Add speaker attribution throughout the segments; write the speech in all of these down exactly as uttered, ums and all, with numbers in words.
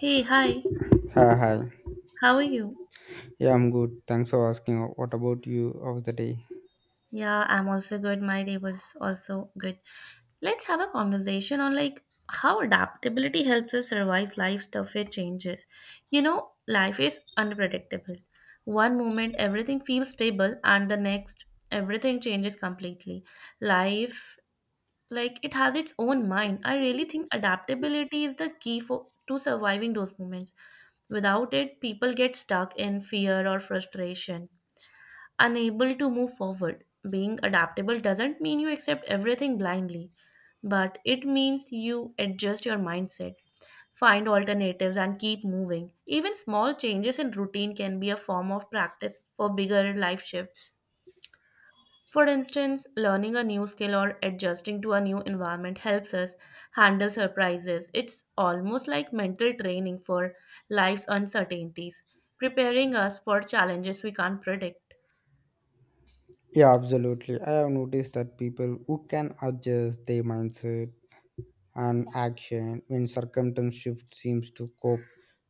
Speaker 1: Hey, hi.
Speaker 2: Hi hi.
Speaker 1: How are you?
Speaker 2: Yeah, I'm good. Thanks for asking. What about you? How's the day?
Speaker 1: Yeah, I'm also good. My day was also good. Let's have a conversation on like how adaptability helps us survive life's toughest changes. You know, life is unpredictable. One moment everything feels stable and the next everything changes completely. Life like it has its own mind. I really think adaptability is the key for to surviving those moments. Without it, people get stuck in fear or frustration, unable to move forward. Being adaptable doesn't mean you accept everything blindly, but it means you adjust your mindset, find alternatives, and keep moving. Even small changes in routine can be a form of practice for bigger life shifts. For instance, learning a new skill or adjusting to a new environment helps us handle surprises. It's almost like mental training for life's uncertainties, preparing us for challenges we can't predict.
Speaker 2: Yeah, absolutely. I have noticed that people who can adjust their mindset and action when circumstance shift seems to cope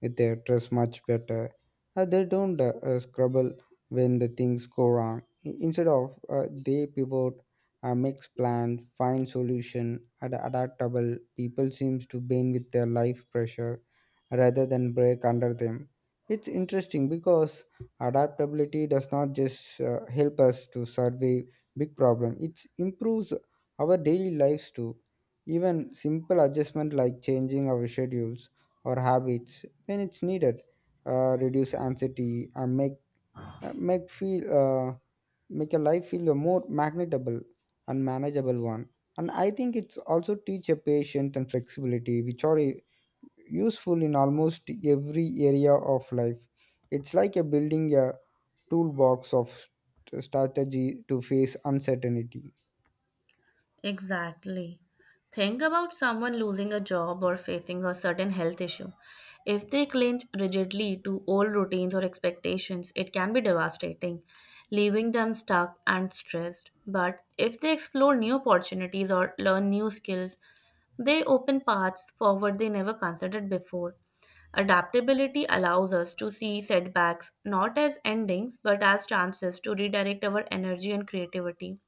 Speaker 2: with their stress much better. Uh, they don't uh, uh, scrabble when the things go wrong. I- Instead of uh, they pivot, uh, makes plans, find solution, ad- adaptable. People seems to bend with their life pressure rather than break under them. It's interesting because adaptability does not just uh, help us to survey big problem. It improves our daily lives too, even simple adjustment like changing our schedules or habits when it's needed uh, reduce anxiety and make uh, make feel uh, make a life feel a more magnetable and manageable one. And I think it's also teach a patience and flexibility, which are uh, useful in almost every area of life. It's like a building a toolbox of st- strategy to face uncertainty.
Speaker 1: Exactly. Think about someone losing a job or facing a certain health issue. If they cling rigidly to old routines or expectations, it can be devastating, leaving them stuck and stressed. But if they explore new opportunities or learn new skills, they open paths forward they never considered before. Adaptability allows us to see setbacks not as endings but as chances to redirect our energy and creativity.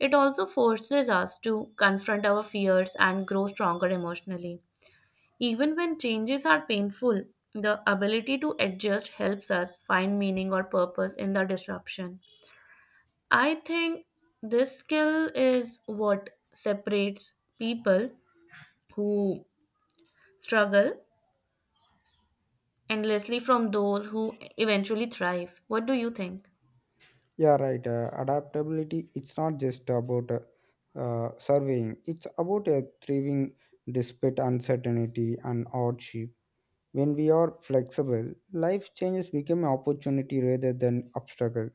Speaker 1: It also forces us to confront our fears and grow stronger emotionally. Even when changes are painful, the ability to adjust helps us find meaning or purpose in the disruption. I think this skill is what separates people who struggle endlessly from those who eventually thrive. What do you think?
Speaker 2: Yeah, right. Uh, adaptability, it's not just about uh, uh, surveying, it's about uh, thriving despite uncertainty and hardship. When we are flexible, life changes become opportunity rather than obstacle.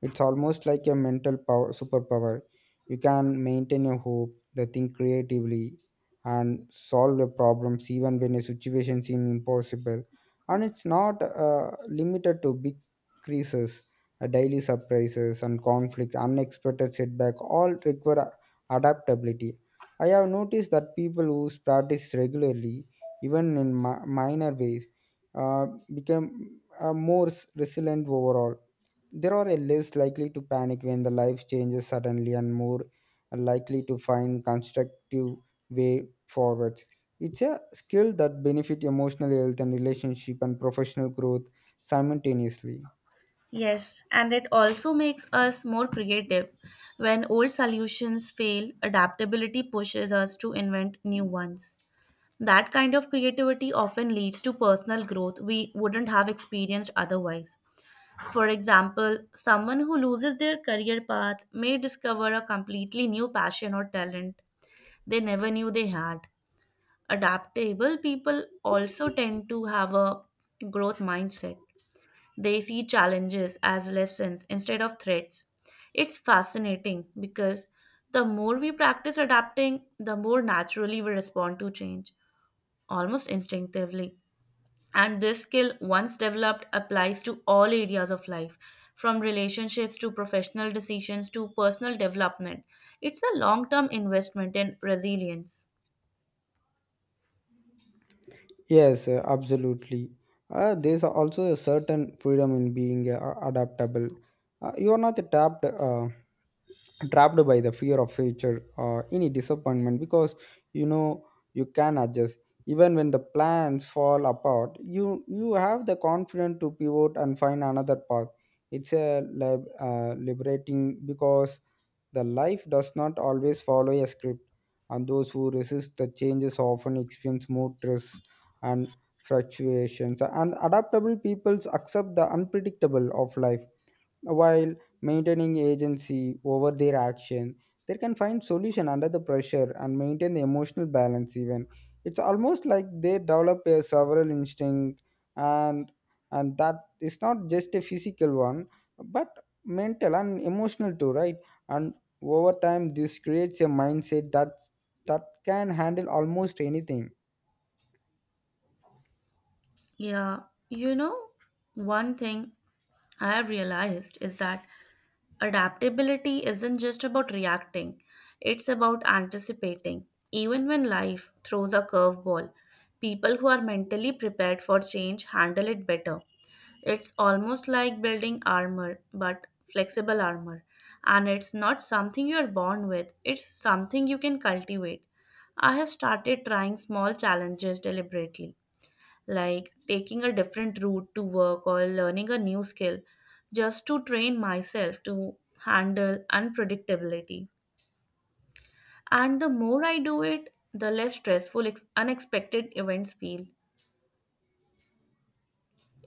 Speaker 2: It's almost like a mental power, superpower. You can maintain your hope, the think creatively, and solve the problems even when a situation seems impossible. And it's not uh, limited to big creases, uh, daily surprises, and conflict, unexpected setback. All require a- adaptability. I have noticed that people who practice regularly, even in mi- minor ways, uh, become uh, more s- resilient overall. There are a less likely to panic when the life changes suddenly and more likely to find constructive way forward. It's a skill that benefit emotional health and relationship and professional growth simultaneously.
Speaker 1: Yes, and it also makes us more creative. When old solutions fail, adaptability pushes us to invent new ones. That kind of creativity often leads to personal growth we wouldn't have experienced otherwise. For example, someone who loses their career path may discover a completely new passion or talent they never knew they had. Adaptable people also tend to have a growth mindset, they see challenges as lessons instead of threats. It's fascinating because the more we practice adapting, the more naturally we respond to change, almost instinctively. And this skill, once developed, applies to all areas of life, from relationships to professional decisions to personal development. It's a long term investment in resilience.
Speaker 2: Yes, uh, absolutely. Uh, there's also a certain freedom in being uh, adaptable. Uh, you are not trapped, uh, trapped by the fear of future or any disappointment because you know you can adjust. Even when the plans fall apart, you you have the confidence to pivot and find another path. It's a lib- uh, liberating because the life does not always follow a script, and those who resist the changes often experience more stress and fluctuations. And adaptable peoples accept the unpredictable of life while maintaining agency over their action. They can find solution under the pressure and maintain the emotional balance even. It's almost like they develop a several instinct and and that is not just a physical one but mental and emotional too, right? And over time this creates a mindset that that can handle almost anything.
Speaker 1: Yeah, you know, one thing I have realized is that adaptability isn't just about reacting, it's about anticipating. Even when life throws a curveball, people who are mentally prepared for change handle it better. It's almost like building armor, but flexible armor. And it's not something you're born with, it's something you can cultivate. I have started trying small challenges deliberately, like taking a different route to work or learning a new skill just to train myself to handle unpredictability. And the more I do it, the less stressful, ex- unexpected events feel.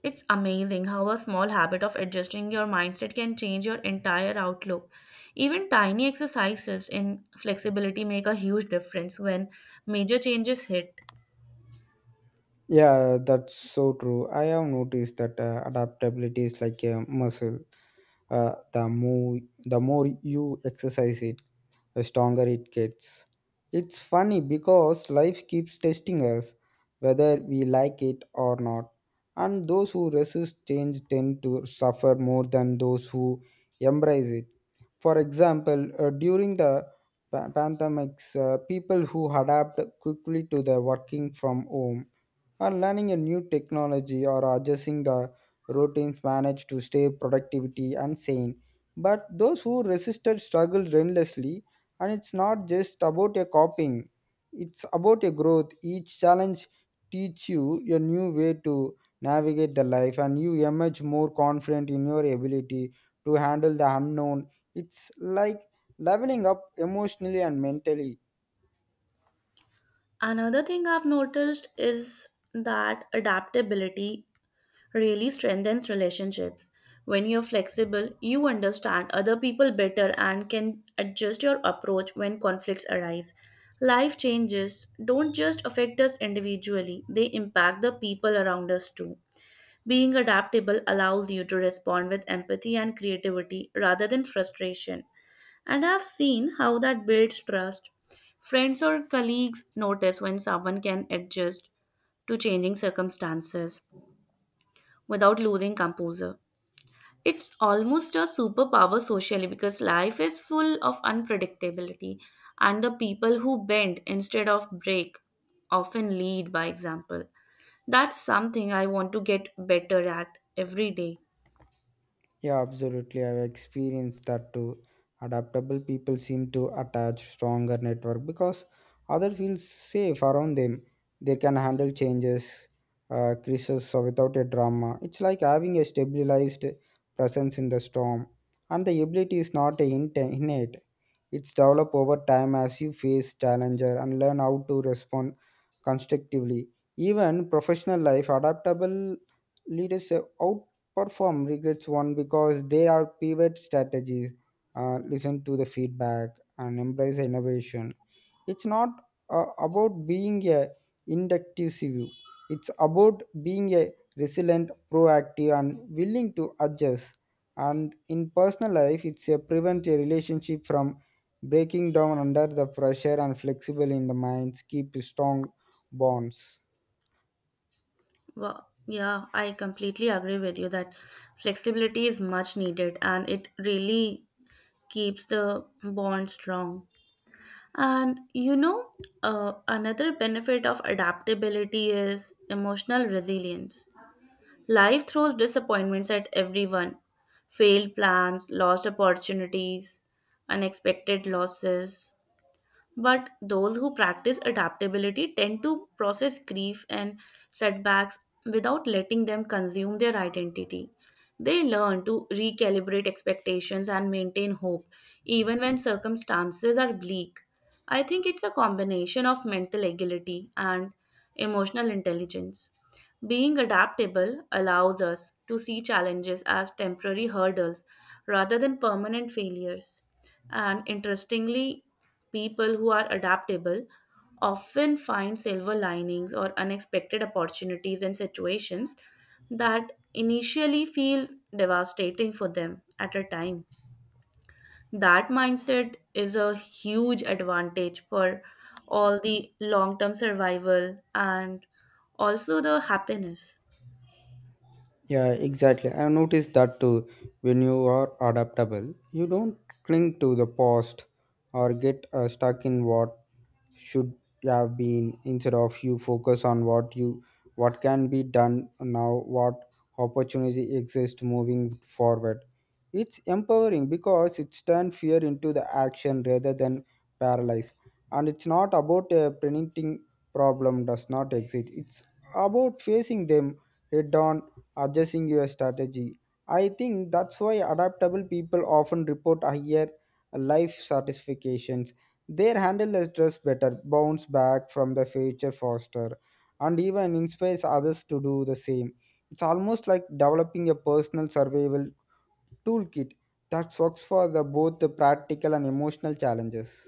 Speaker 1: It's amazing how a small habit of adjusting your mindset can change your entire outlook. Even tiny exercises in flexibility make a huge difference when major changes hit.
Speaker 2: Yeah, that's so true. I have noticed that uh, adaptability is like a muscle. Uh, the more the more you exercise it, the stronger it gets. It's funny because life keeps testing us, whether we like it or not. And those who resist change tend to suffer more than those who embrace it. For example, uh, during the pa- pandemics, uh, people who adapt quickly to the working from home or learning a new technology or adjusting the routines manage to stay productivity and sane, but those who resisted struggle relentlessly. And it's not just about a copying, it's about a growth. Each challenge teach you a new way to navigate the life, and you emerge more confident in your ability to handle the unknown. It's like leveling up emotionally and mentally.
Speaker 1: Another thing I've noticed is that adaptability really strengthens relationships. When you're flexible, you understand other people better and can adjust your approach when conflicts arise. Life changes don't just affect us individually, they impact the people around us too. Being adaptable allows you to respond with empathy and creativity rather than frustration. And I've seen how that builds trust. Friends or colleagues notice when someone can adjust to changing circumstances without losing composure. It's almost a superpower socially because life is full of unpredictability, and the people who bend instead of break often lead by example. That's something I want to get better at every day.
Speaker 2: Yeah, absolutely. I've experienced that too. Adaptable people seem to attach stronger network because other feels safe around them. They can handle changes, uh, crisis so without a drama. It's like having a stabilized presence in the storm, and the ability is not a innate. It's developed over time as you face challenger and learn how to respond constructively. Even professional life, adaptable leaders uh, outperform regrets one because they are pivot strategies. Uh, listen to the feedback and embrace innovation. It's not uh, about being a inductive view. It's about being a resilient proactive and willing to adjust, and in personal life it's a prevent a relationship from breaking down under the pressure, and flexible in the minds keep strong bonds.
Speaker 1: Well, yeah, I completely agree with you that flexibility is much needed and it really keeps the bond strong. And you know, uh, another benefit of adaptability is emotional resilience. Life throws disappointments at everyone: failed plans, lost opportunities, unexpected losses. But those who practice adaptability tend to process grief and setbacks without letting them consume their identity. They learn to recalibrate expectations and maintain hope, even when circumstances are bleak. I think it's a combination of mental agility and emotional intelligence. Being adaptable allows us to see challenges as temporary hurdles rather than permanent failures. And interestingly, people who are adaptable often find silver linings or unexpected opportunities in situations that initially feel devastating for them at a time. That mindset is a huge advantage for all the long term survival and also the happiness.
Speaker 2: Yeah, exactly. I noticed that too. When you are adaptable, you don't cling to the past or get uh, stuck in what should have been. Instead of you focus on what you what can be done now, what opportunity exists moving forward. It's empowering because it turns fear into the action rather than paralyzed. And it's not about a preventing problem does not exist, it's about facing them head on, adjusting your strategy. I think that's why adaptable people often report higher life satisfactions. They handle the stress better, bounce back from the failure faster, and even inspires others to do the same. It's almost like developing a personal survival toolkit that works for the both the practical and emotional challenges.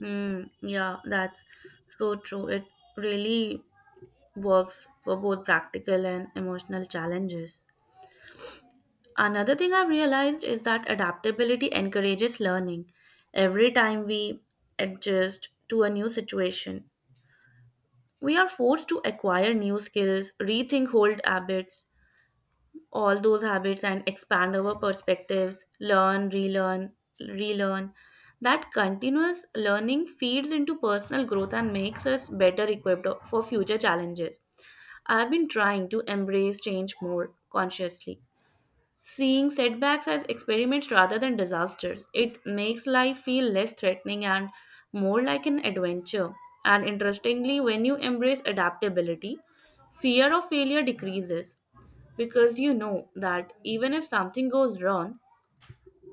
Speaker 1: Hmm, yeah, that's so true. It really works for both practical and emotional challenges. Another thing I've realized is that adaptability encourages learning. Every time we adjust to a new situation, we are forced to acquire new skills, rethink old habits, all those habits, and expand our perspectives, learn, relearn, relearn. That continuous learning feeds into personal growth and makes us better equipped for future challenges. I've been trying to embrace change more consciously, seeing setbacks as experiments rather than disasters. It makes life feel less threatening and more like an adventure. And interestingly, when you embrace adaptability, fear of failure decreases because you know that even if something goes wrong,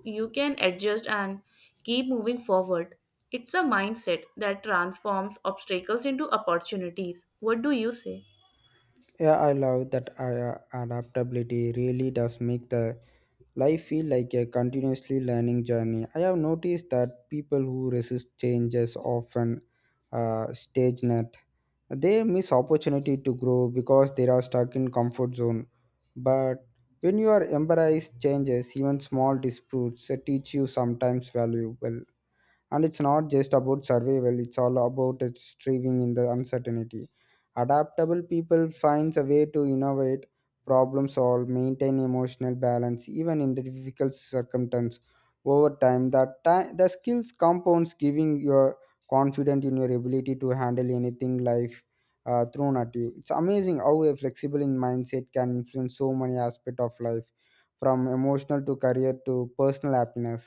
Speaker 1: you can adjust and keep moving forward. It's a mindset that transforms obstacles into opportunities. What do you say?
Speaker 2: Yeah, I love that uh, yeah, adaptability really does make the life feel like a continuously learning journey. I have noticed that people who resist changes often uh, stagnate. They miss opportunity to grow because they are stuck in comfort zone. But when you are embrace changes, even small disputes uh, teach you sometimes valuable. And it's not just about survival, it's all about striving in the uncertainty. Adaptable people finds a way to innovate, problem solve, maintain emotional balance even in the difficult circumstances. Over time that ti- the skills compounds, giving your confident in your ability to handle anything life uh, thrown at you. It's amazing how a flexible in mindset can influence so many aspects of life, from emotional to career to personal happiness.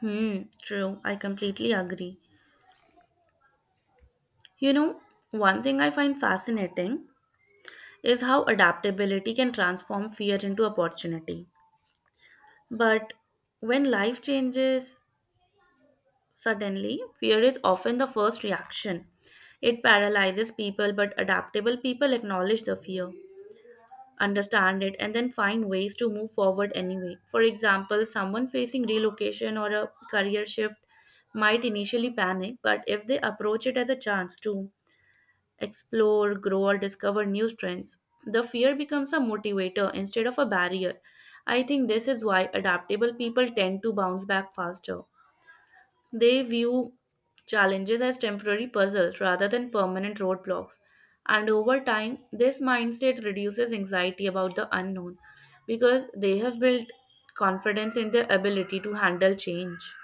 Speaker 1: Hmm, true. I completely agree. You know, one thing I find fascinating is how adaptability can transform fear into opportunity. But when life changes suddenly, fear is often the first reaction. It paralyzes people, but adaptable people acknowledge the fear, understand it, and then find ways to move forward anyway. For example, someone facing relocation or a career shift might initially panic, but if they approach it as a chance to explore, grow, or discover new strengths, the fear becomes a motivator instead of a barrier. I think this is why adaptable people tend to bounce back faster. They view challenges as temporary puzzles rather than permanent roadblocks. And over time, this mindset reduces anxiety about the unknown because they have built confidence in their ability to handle change,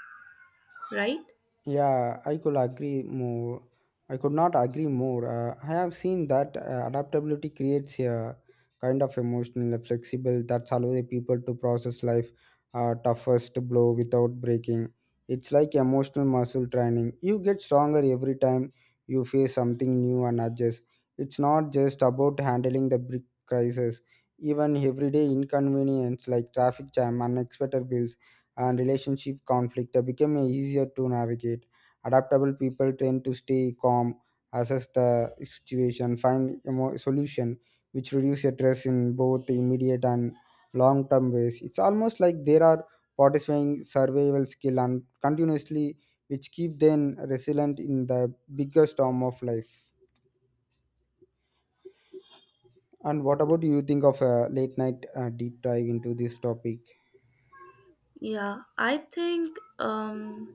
Speaker 1: right?
Speaker 2: Yeah, I could agree more. I could not agree more. Uh, I have seen that uh, adaptability creates a kind of emotional and flexible that allows people to process life uh, toughest blow without breaking. It's like emotional muscle training. You get stronger every time you face something new and adjust. It's not just about handling the big crisis. Even everyday inconvenience like traffic jam, unexpected bills, and relationship conflict uh, become easier to navigate. Adaptable people tend to stay calm, assess the situation, find a solution, which reduce stress in both immediate and long-term ways. It's almost like there are participating survival skill and continuously which keep them resilient in the bigger storm of life. And what about you think of a late night uh, deep dive into this topic?
Speaker 1: Yeah, I think um,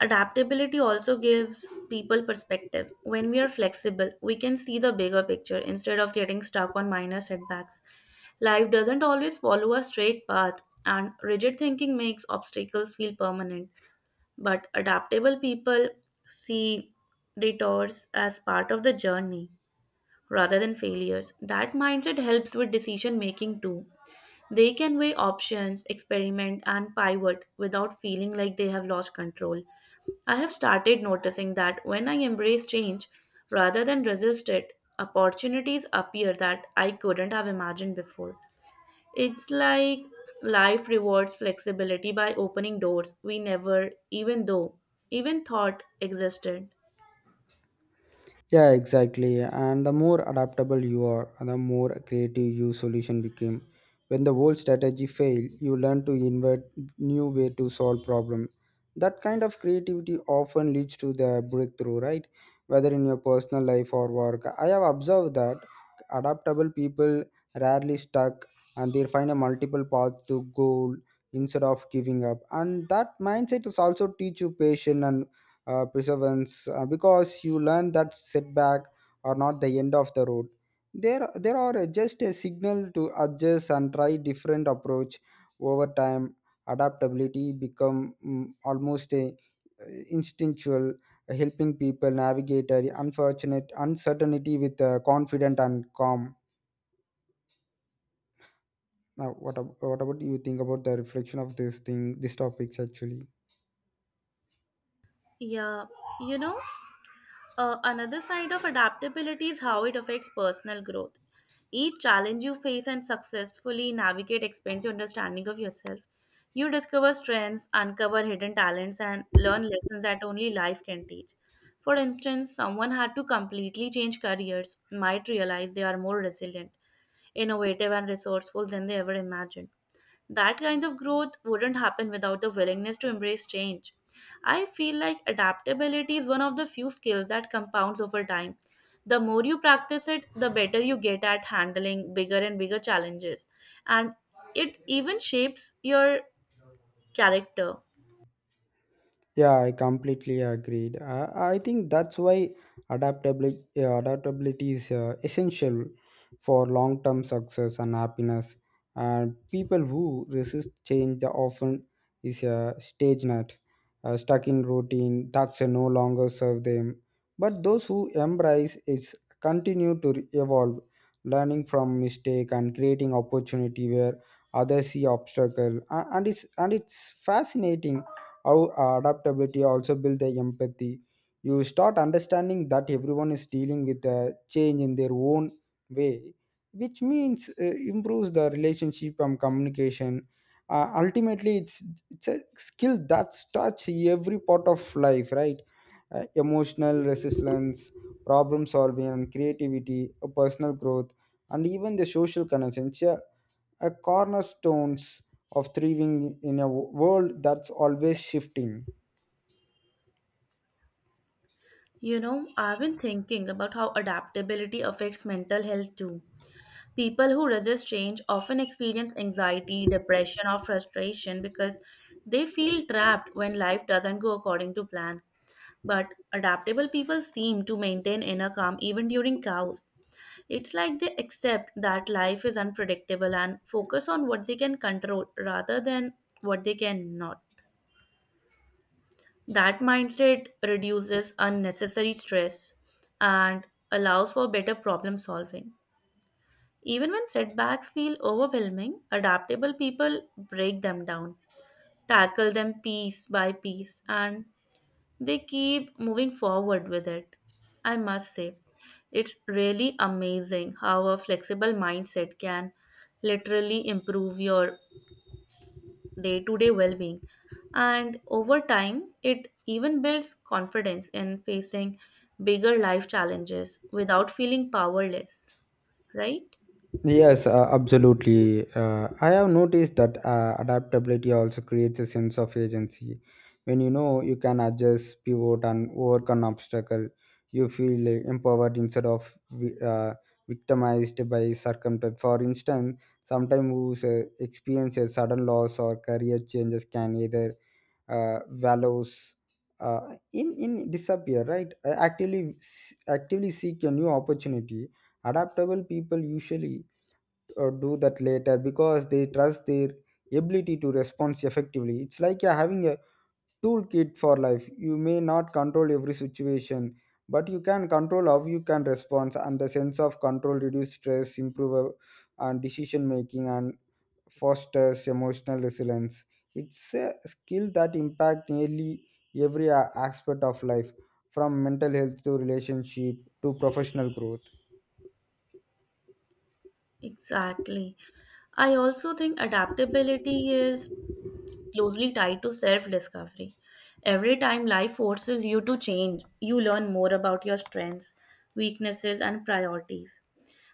Speaker 1: adaptability also gives people perspective. When we are flexible, we can see the bigger picture instead of getting stuck on minor setbacks. Life doesn't always follow a straight path, and rigid thinking makes obstacles feel permanent. But adaptable people see detours as part of the journey rather than failures. That mindset helps with decision making too. They can weigh options, experiment, and pivot without feeling like they have lost control. I have started noticing that when I embrace change rather than resist it, opportunities appear that I couldn't have imagined before. It's like life rewards flexibility by opening doors we never even though even thought existed.
Speaker 2: Yeah, exactly. And the more adaptable you are, the more creative your solution became. When the old strategy failed, you learn to invent new way to solve problem. That kind of creativity often leads to the breakthrough, right? Whether in your personal life or work. I have observed that adaptable people rarely stuck, and they find a multiple path to goal instead of giving up. And that mindset is also teach you patience and uh, perseverance uh, because you learn that setback are not the end of the road. There there are just a signal to adjust and try different approach. Over time adaptability become mm, almost a uh, instinctual, helping people navigate a unfortunate uncertainty with uh, confident and calm. Now what, ab- what about you think about the reflection of this thing these topics actually.
Speaker 1: Yeah, you know, Uh, another side of adaptability is how it affects personal growth. Each challenge you face and successfully navigate expands your understanding of yourself. You discover strengths, uncover hidden talents, and learn lessons that only life can teach. For instance, someone had to completely change careers might realize they are more resilient, innovative, and resourceful than they ever imagined. That kind of growth wouldn't happen without the willingness to embrace change. I feel like adaptability is one of the few skills that compounds over time. The more you practice it, the better you get at handling bigger and bigger challenges. And it even shapes your character.
Speaker 2: Yeah, I completely agreed. I, I think that's why adaptability, adaptability is uh, essential for long term success and happiness. And people who resist change the often is a stage nut, uh, stuck in routine that's uh, no longer serve them. But those who embrace is continue to re- evolve, learning from mistake and creating opportunity where others see obstacle. A- And it's and it's fascinating how uh, adaptability also builds the empathy. You start understanding that everyone is dealing with a change in their own way, which means uh, improves the relationship and communication. uh, ultimately it's it's a skill that touch every part of life, right? uh, emotional resilience, problem solving and creativity, uh, personal growth, and even the social connections, a cornerstones of thriving in a wo- world that's always shifting.
Speaker 1: You know, I've been thinking about how adaptability affects mental health too. People who resist change often experience anxiety, depression, or frustration because they feel trapped when life doesn't go according to plan. But adaptable people seem to maintain inner calm even during chaos. It's like they accept that life is unpredictable and focus on what they can control rather than what they cannot. That mindset reduces unnecessary stress and allows for better problem solving. Even when setbacks feel overwhelming, adaptable people break them down, tackle them piece by piece, and they keep moving forward with it. I must say, it's really amazing how a flexible mindset can literally improve your day to day well being. And over time, it even builds confidence in facing bigger life challenges without feeling powerless, right?
Speaker 2: Yes, uh, absolutely. Uh, I have noticed that uh, adaptability also creates a sense of agency. When you know you can adjust, pivot, and overcome obstacle, you feel uh, empowered instead of vi- uh, victimized by circumstance. For instance, sometimes who uh, experience a sudden loss or career changes can either uh, values uh, in in disappear, right? Uh, actively s- actively seek a new opportunity. Adaptable people usually uh, do that later because they trust their ability to respond effectively. It's like you're having a toolkit for life. You may not control every situation, but you can control how you can respond, and the sense of control reduce stress, improve uh, and decision making, and fosters emotional resilience. It's a skill that impacts nearly every a- aspect of life, from mental health to relationship to professional growth.
Speaker 1: Exactly. I also think adaptability is closely tied to self-discovery. Every time life forces you to change, you learn more about your strengths, weaknesses, and priorities.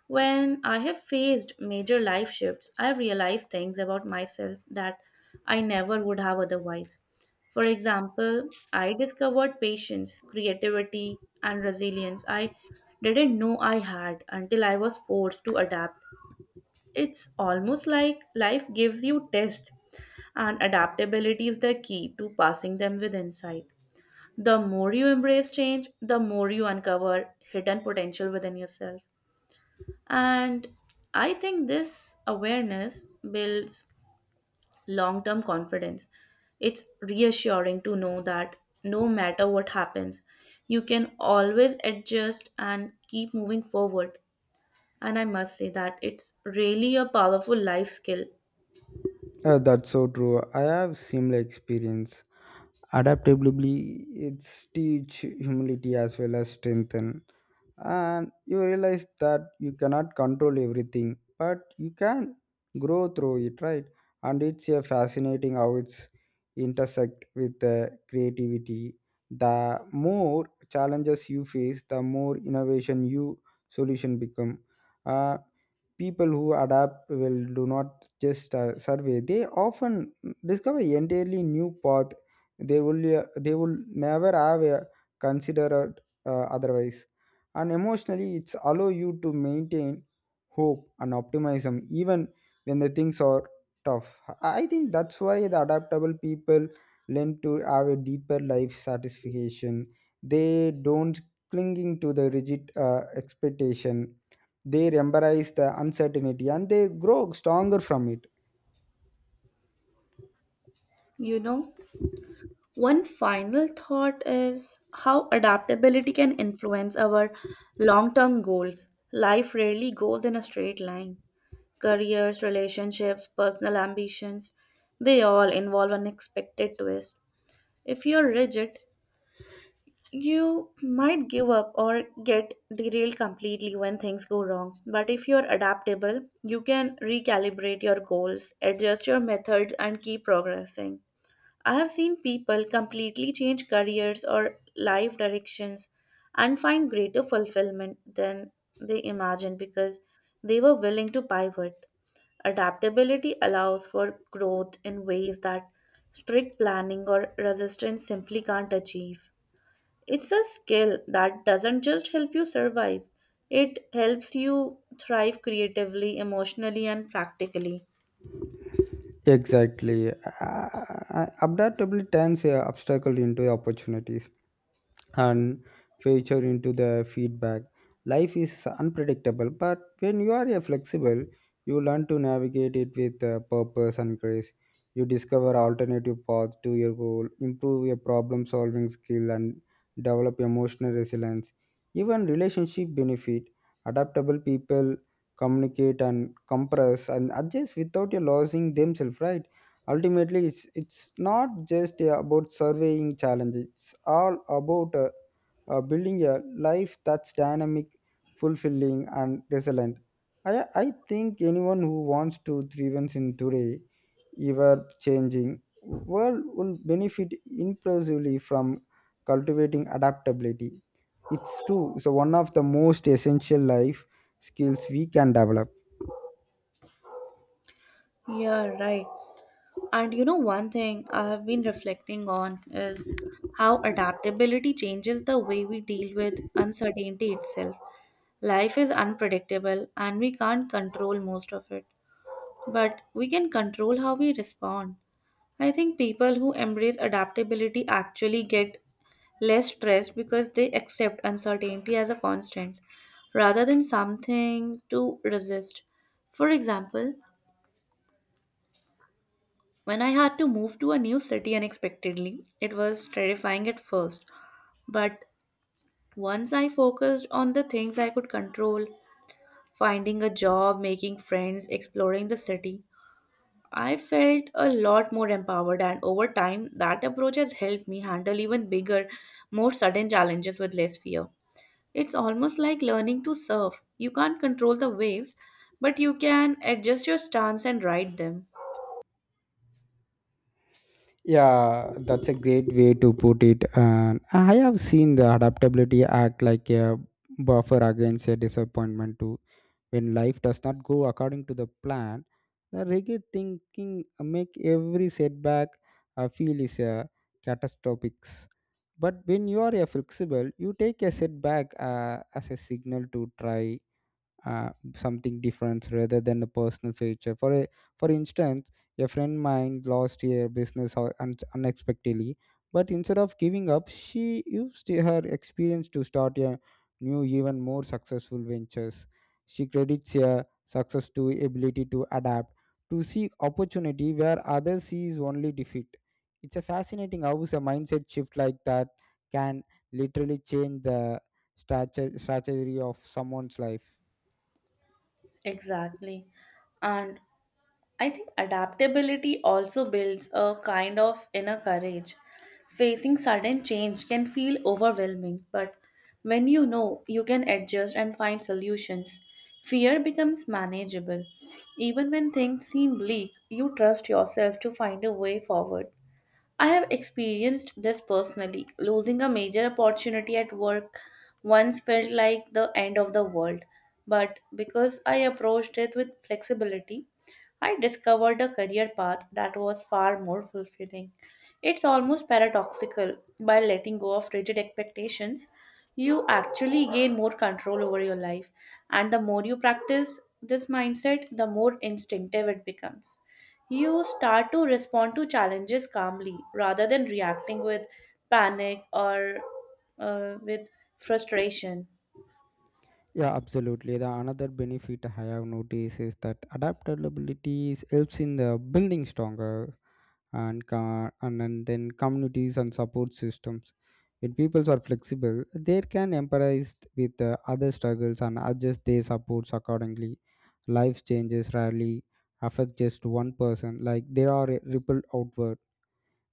Speaker 1: When I have faced major life shifts, I have realized things about myself that I never would have otherwise. For example, I discovered patience, creativity, and resilience I didn't know I had until I was forced to adapt. It's almost like life gives you tests, and adaptability is the key to passing them with insight. The more you embrace change, the more you uncover hidden potential within yourself. And I think this awareness builds long term confidence. It's reassuring to know that no matter what happens, you can always adjust and keep moving forward. And I must say that it's really a powerful life skill.
Speaker 2: Uh, that's so true. I have similar experience. Adaptability, it's teach humility as well as strengthen. And you realize that you cannot control everything, but you can grow through it, right? And it's a fascinating how it's intersect with the creativity. The more challenges you face, the more innovation you solution become. Uh, people who adapt will do not just uh, survey. They often discover entirely new path. They will uh, they will never have a considered uh, otherwise. And emotionally it's allow you to maintain hope and optimism even when the things are tough. I I think that's why the adaptable people learn to have a deeper life satisfaction. They don't clinging to the rigid uh, expectation. They embrace the uncertainty and they grow stronger from it.
Speaker 1: You know? One final thought is how adaptability can influence our long term goals. Life rarely goes in a straight line. Careers, relationships, personal ambitions, they all involve unexpected twists. If you're rigid, you might give up or get derailed completely when things go wrong. But if you're adaptable, you can recalibrate your goals, adjust your methods, and keep progressing. I have seen people completely change careers or life directions and find greater fulfillment than they imagined because they were willing to pivot. Adaptability allows for growth in ways that strict planning or resistance simply can't achieve. It's a skill that doesn't just help you survive, it helps you thrive creatively, emotionally, and practically.
Speaker 2: Exactly. Uh, adaptability turns uh, obstacle into opportunities, and feature into the feedback. Life is unpredictable, but when you are a flexible, you learn to navigate it with uh, purpose and grace. You discover alternative paths to your goal, improve your problem solving skill, and develop emotional resilience. Even relationship benefit. Adaptable people communicate and compress and adjust without you losing themselves, right? Ultimately, it's, it's not just uh, about surveying challenges, it's all about uh, uh, building a life that's dynamic, fulfilling, and resilient. I, I think anyone who wants to thrive in today, ever changing world will benefit impressively from cultivating adaptability. It's true; it's one of the most essential life skills we can develop.
Speaker 1: Yeah, right. And you know, one thing I have been reflecting on is how adaptability changes the way we deal with uncertainty itself. Life is unpredictable and we can't control most of it, but we can control how we respond. I think people who embrace adaptability actually get less stressed because they accept uncertainty as a constant rather than something to resist. For example, when I had to move to a new city unexpectedly, it was terrifying at first. But once I focused on the things I could control, finding a job, making friends, exploring the city, I felt a lot more empowered. And over time, that approach has helped me handle even bigger, more sudden challenges with less fear. It's almost like learning to surf. You can't control the waves, but you can adjust your stance and ride them.
Speaker 2: Yeah, that's a great way to put it. And I have seen the adaptability act like a buffer against a disappointment too. When life does not go according to the plan, the rigid thinking make every setback I feel is a catastrophic. But when you are a flexible, you take a setback uh, as a signal to try uh, something different rather than a personal future. For a, for instance, a friend mine lost her business ho- un- unexpectedly, but instead of giving up, she used her experience to start a new, even more successful ventures. She credits her success to ability to adapt, to seek opportunity where others sees only defeat. It's a fascinating how a mindset shift like that can literally change the strategy strategy of someone's life.
Speaker 1: Exactly. And I think adaptability also builds a kind of inner courage. Facing sudden change can feel overwhelming, but when you know you can adjust and find solutions, fear becomes manageable. Even when things seem bleak, you trust yourself to find a way forward. I have experienced this personally. Losing a major opportunity at work once felt like the end of the world, but because I approached it with flexibility, I discovered a career path that was far more fulfilling. It's almost paradoxical. By letting go of rigid expectations, you actually gain more control over your life. And the more you practice this mindset, the more instinctive it becomes. You start to respond to challenges calmly rather than reacting with panic or uh, with frustration.
Speaker 2: Yeah, absolutely. The another benefit I have noticed is that adaptability is- helps in the building stronger and co- and, and then communities and support systems. When people are flexible, they can empathize with uh, other struggles and adjust their supports accordingly. Life changes rarely affect just one person; like they are ripple outward,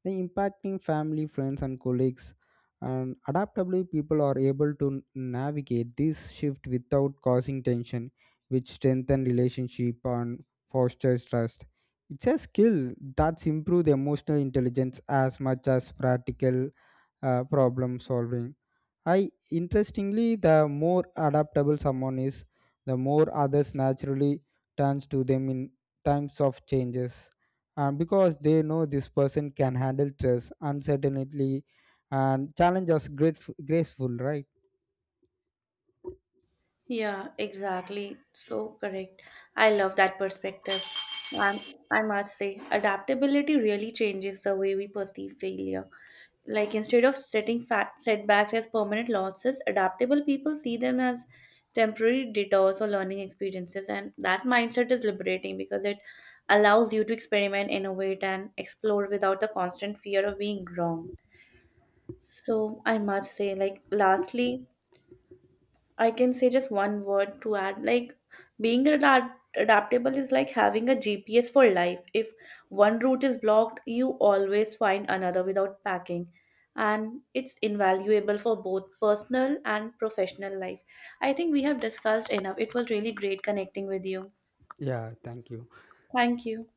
Speaker 2: the impacting family, friends, and colleagues. And adaptably, people are able to navigate this shift without causing tension, which strengthen relationship and fosters trust. It's a skill that's improved emotional intelligence as much as practical uh, problem solving. I interestingly, the more adaptable someone is, the more others naturally turns to them in times of changes, and because they know this person can handle stress, uncertainty, and challenges grateful, graceful, right?
Speaker 1: Yeah, exactly. So correct. I love that perspective. Um, I must say, adaptability really changes the way we perceive failure. Like, instead of setting fat setbacks as permanent losses, adaptable people see them as temporary detours or learning experiences, and that mindset is liberating because it allows you to experiment, innovate, and explore without the constant fear of being wrong. So I must say, like, lastly, I can say just one word to add. Like, being adapt- adaptable is like having a G P S for life. If one route is blocked, you always find another without packing. And it's invaluable for both personal and professional life. I think we have discussed enough. It was really great connecting with you.
Speaker 2: Yeah, thank you.
Speaker 1: Thank you.